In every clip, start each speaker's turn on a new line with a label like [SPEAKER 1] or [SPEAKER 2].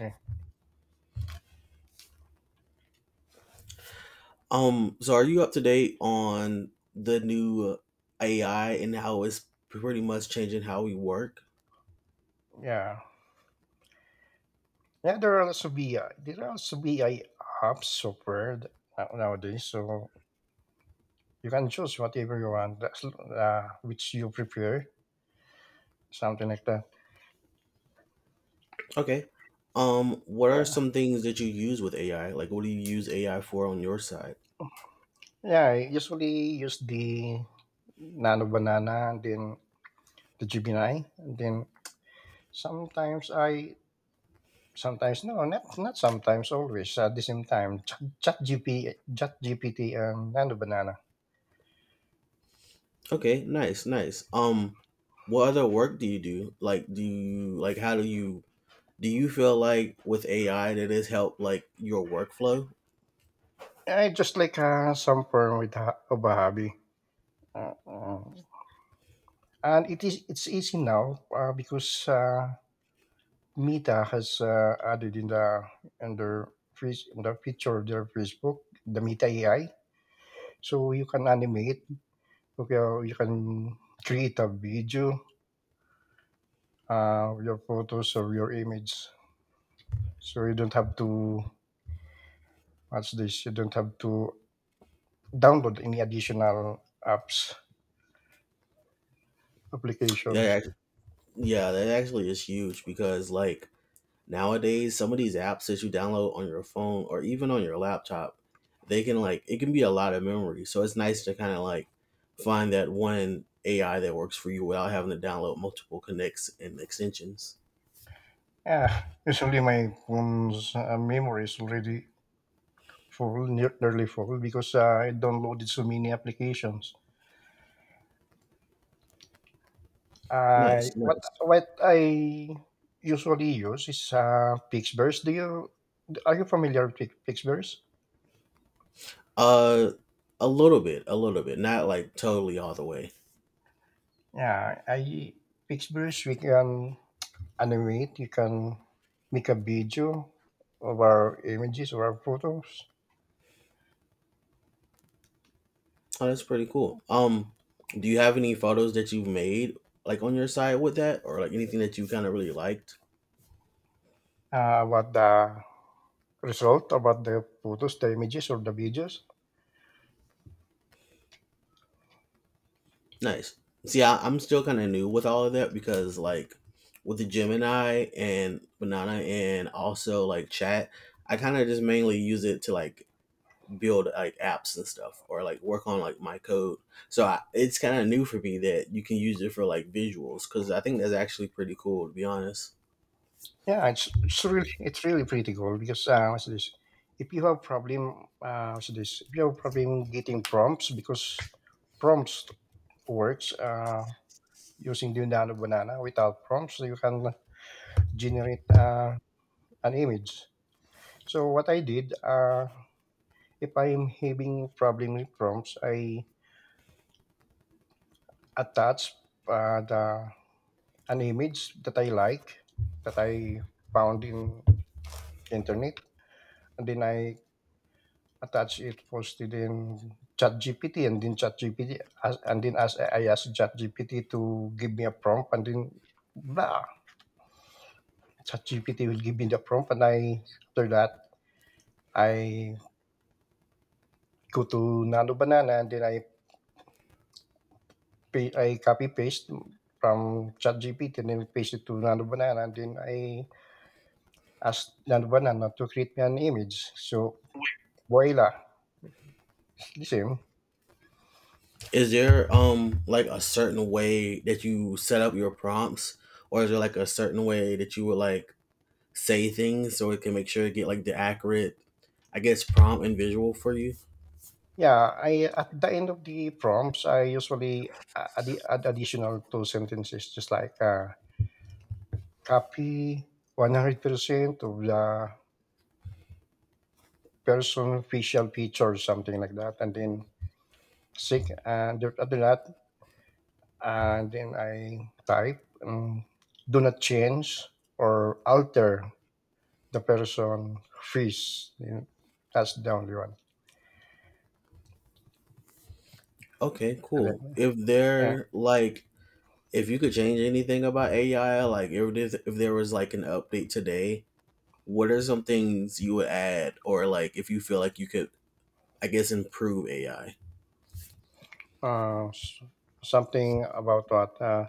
[SPEAKER 1] Eh,
[SPEAKER 2] So are you up to date on the new AI and how it's pretty much changing how we work?
[SPEAKER 1] Yeah. Yeah, there will also be there will also be a app software nowadays, so you can choose whatever you want, that's, which you prefer, something like that.
[SPEAKER 2] Okay. What are
[SPEAKER 1] Yeah,
[SPEAKER 2] some things that you use with AI? Like, what do you use AI for on your side?
[SPEAKER 1] yeah. I usually use the Nano Banana, and then the Gemini, and then sometimes I sometimes no, not sometimes, always at the same time, Chat GPT, and Nano Banana.
[SPEAKER 2] Okay, nice, nice. What other work do you do? Like, do you like how do you feel like with AI that it's helped like your workflow?
[SPEAKER 1] I just like some form with of a hobby. Uh, uh, And it is it's easy now because Meta has added in the in the feature of their Facebook, the Meta AI, so you can animate, okay, or you can create a video, your photos or your image, so you don't have to what's this? You don't have to download any additional apps
[SPEAKER 2] That
[SPEAKER 1] applications.
[SPEAKER 2] act- yeah, that actually is huge because like nowadays, some of these apps that you download on your phone or even on your laptop, they can like it can be a lot of memory. So it's nice to kind of like find that one AI that works for you without having to download multiple connects and extensions.
[SPEAKER 1] Yeah, usually my phone's memory is already full, nearly full, because I downloaded so many applications. I
[SPEAKER 2] Nice, nice.
[SPEAKER 1] what I usually use is Pixverse. Do you, are you familiar with Pixverse?
[SPEAKER 2] Uh, a little bit, not like totally all the way.
[SPEAKER 1] Yeah, I Pixverse. We can animate. You can make a video of our images or our photos.
[SPEAKER 2] Oh, that's pretty cool. Do you have any photos that you've made like on your side with that or like anything that you kind of really liked?
[SPEAKER 1] About the result, about the photos, the images, or the videos.
[SPEAKER 2] Nice. See, I'm still kind of new with all of that because, like, with the Gemini and Banana and also like chat, I kind of just mainly use it to like build like apps and stuff or like work on like my code. So I, it's kind of new for me that you can use it for like visuals because I think that's actually pretty cool to be honest.
[SPEAKER 1] Yeah, it's really it's really pretty cool because what's this? If you have problem, what's this? If you have problem getting prompts because prompts works using Dynamo Banana. Without prompts, you can generate an image. So what I did, if I'm having problem with prompts, I attach the an image that I like that I found in internet, and then I attach it, post it in ChatGPT, and then as I ask ChatGPT to give me a prompt, and then blah, ChatGPT will give me the prompt, and I after that I go to Nano Banana, and then I copy paste from ChatGPT, and then paste it to Nano Banana, and then I ask Nano Banana to create me an image. So voila, the same.
[SPEAKER 2] Is there like a certain way that you set up your prompts, or is there like a certain way that you would like say things so it can make sure to get like the accurate, I guess, prompt and visual for you.
[SPEAKER 1] Yeah, I at the end of the prompts, I usually add additional two sentences, just like copy 100% of the person facial features, something like that, and then sync and after that, and then I type, do not change or alter the person face. You know, that's the only one,
[SPEAKER 2] Okay,
[SPEAKER 1] and
[SPEAKER 2] cool.
[SPEAKER 1] then
[SPEAKER 2] If
[SPEAKER 1] yeah,
[SPEAKER 2] they're like if you could change anything about AI, like if if there was like an update today, what are some things you would add, or like if you feel like you could, I guess, improve AI?
[SPEAKER 1] uh, s- something about what.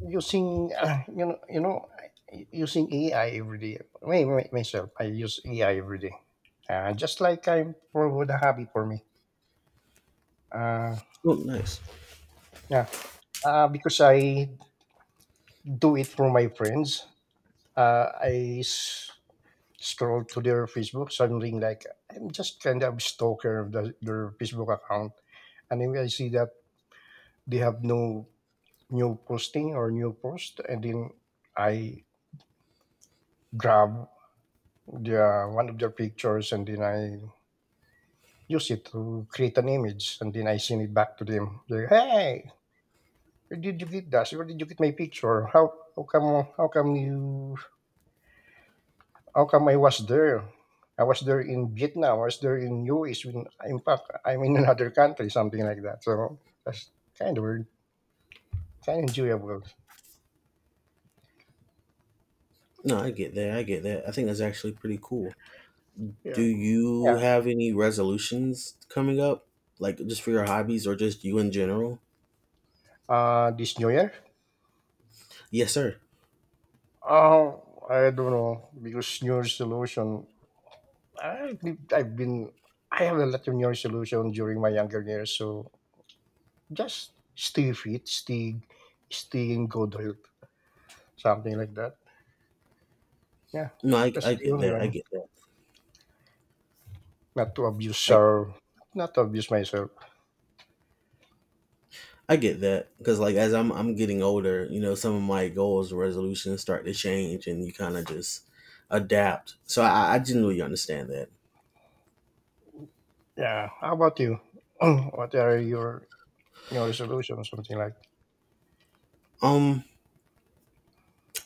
[SPEAKER 1] Using you know using AI every day. Me myself, I use AI every day. Just like I'm with a hobby for me. Uh,
[SPEAKER 2] Oh, nice.
[SPEAKER 1] yeah, because I do it for my friends. Uh, I s- scroll to their Facebook, something like I'm just kind of stalker of their Facebook account, and then I see that they have no new posting or new post, and then I grab the one of their pictures, and then I use it to create an image, and then I send it back to them. They're, hey, where did you get that? Where did you get my picture? How come you how come I was there? I was there in Vietnam. I was there in US. When in fact I'm in another country, something like that. So that's kind of weird, kind of enjoyable.
[SPEAKER 2] No, I get that. I get that. I think that's actually pretty cool. Do
[SPEAKER 1] Yeah, yeah.
[SPEAKER 2] you have any resolutions coming up? Like just for your hobbies or just you in general?
[SPEAKER 1] This New Year,
[SPEAKER 2] Yes, sir.
[SPEAKER 1] oh, I don't know because New Year's solution. I I've been I have a lot of New Year's solution during my younger years, so just stay fit, stay in good health, something like that. Yeah,
[SPEAKER 2] No, I,
[SPEAKER 1] that's
[SPEAKER 2] I
[SPEAKER 1] the
[SPEAKER 2] get
[SPEAKER 1] only
[SPEAKER 2] that. I
[SPEAKER 1] one.
[SPEAKER 2] get that.
[SPEAKER 1] Not to abuse
[SPEAKER 2] I
[SPEAKER 1] our, not to abuse myself.
[SPEAKER 2] I get that because like as I'm getting older, you know, some of my goals and resolutions start to change, and you kind of just adapt. So I generally understand that.
[SPEAKER 1] Yeah. How about you? What are your resolutions? Something like
[SPEAKER 2] Um,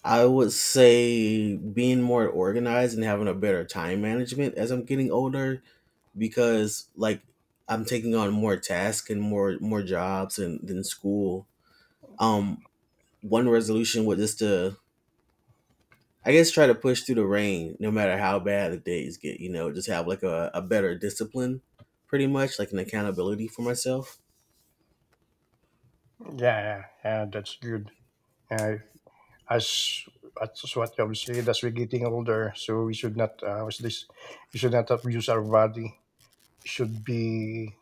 [SPEAKER 2] I would say being more organized and having a better time management as I'm getting older, because like I'm taking on more tasks and more jobs and than school. Um, one resolution was just to, I guess, try to push through the rain, no matter how bad the days get. You know, just have like a better discipline, pretty much like an accountability for myself.
[SPEAKER 1] yeah, yeah, yeah, that's good. Uh, as as what you have said, as we're getting older, so we should not what's this? We should not abuse our body. Should be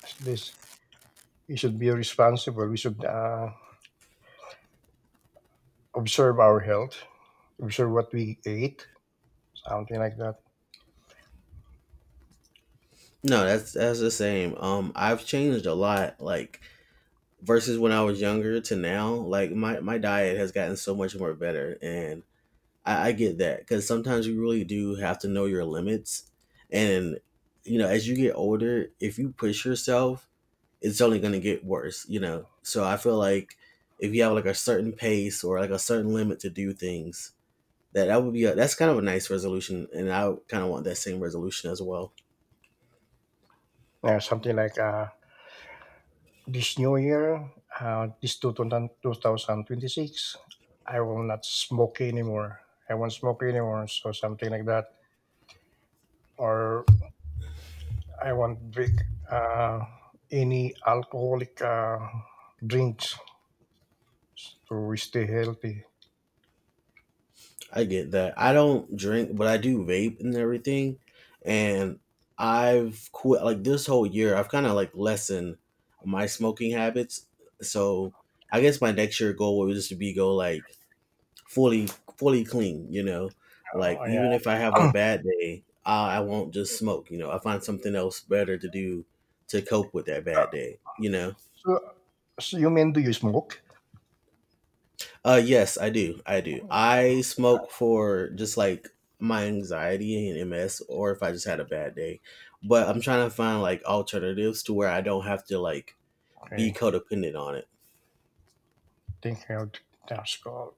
[SPEAKER 1] what's this. We should be responsible. We should observe our health. I'm sure what we ate, something like that.
[SPEAKER 2] No, that's the same. I've changed a lot, like versus when I was younger to now. Like my diet has gotten so much more better, and I get that because sometimes you really do have to know your limits, and you know, as you get older, if you push yourself it's only going to get worse, you know. So I feel like if you have like a certain pace or like a certain limit to do things, that would be a, that's kind of a nice resolution, and I kind of want that same resolution as well.
[SPEAKER 1] Yeah, something like this new year, this 2000 2026, I will not smoke anymore. I won't smoke anymore. So something like that. Or I won't drink uh, any alcoholic drinks to stay healthy.
[SPEAKER 2] I get that. I don't drink, but I do vape and everything, and I've quit like this whole year. I've kind of like lessened my smoking habits, so I guess my next year goal would just be go like fully fully clean, you know, like
[SPEAKER 1] Oh, yeah.
[SPEAKER 2] even if I have a bad day, I won't just smoke, you know, I find something else better to do to cope with that bad day, you know.
[SPEAKER 1] So, so, you mean do you smoke?
[SPEAKER 2] Uh, yes I do, I do. I smoke for just like my anxiety and MS, or if I just had a bad day, but I'm trying to find like alternatives to where I don't have to like be
[SPEAKER 1] Okay.
[SPEAKER 2] codependent on it.
[SPEAKER 1] Think I'll that's called.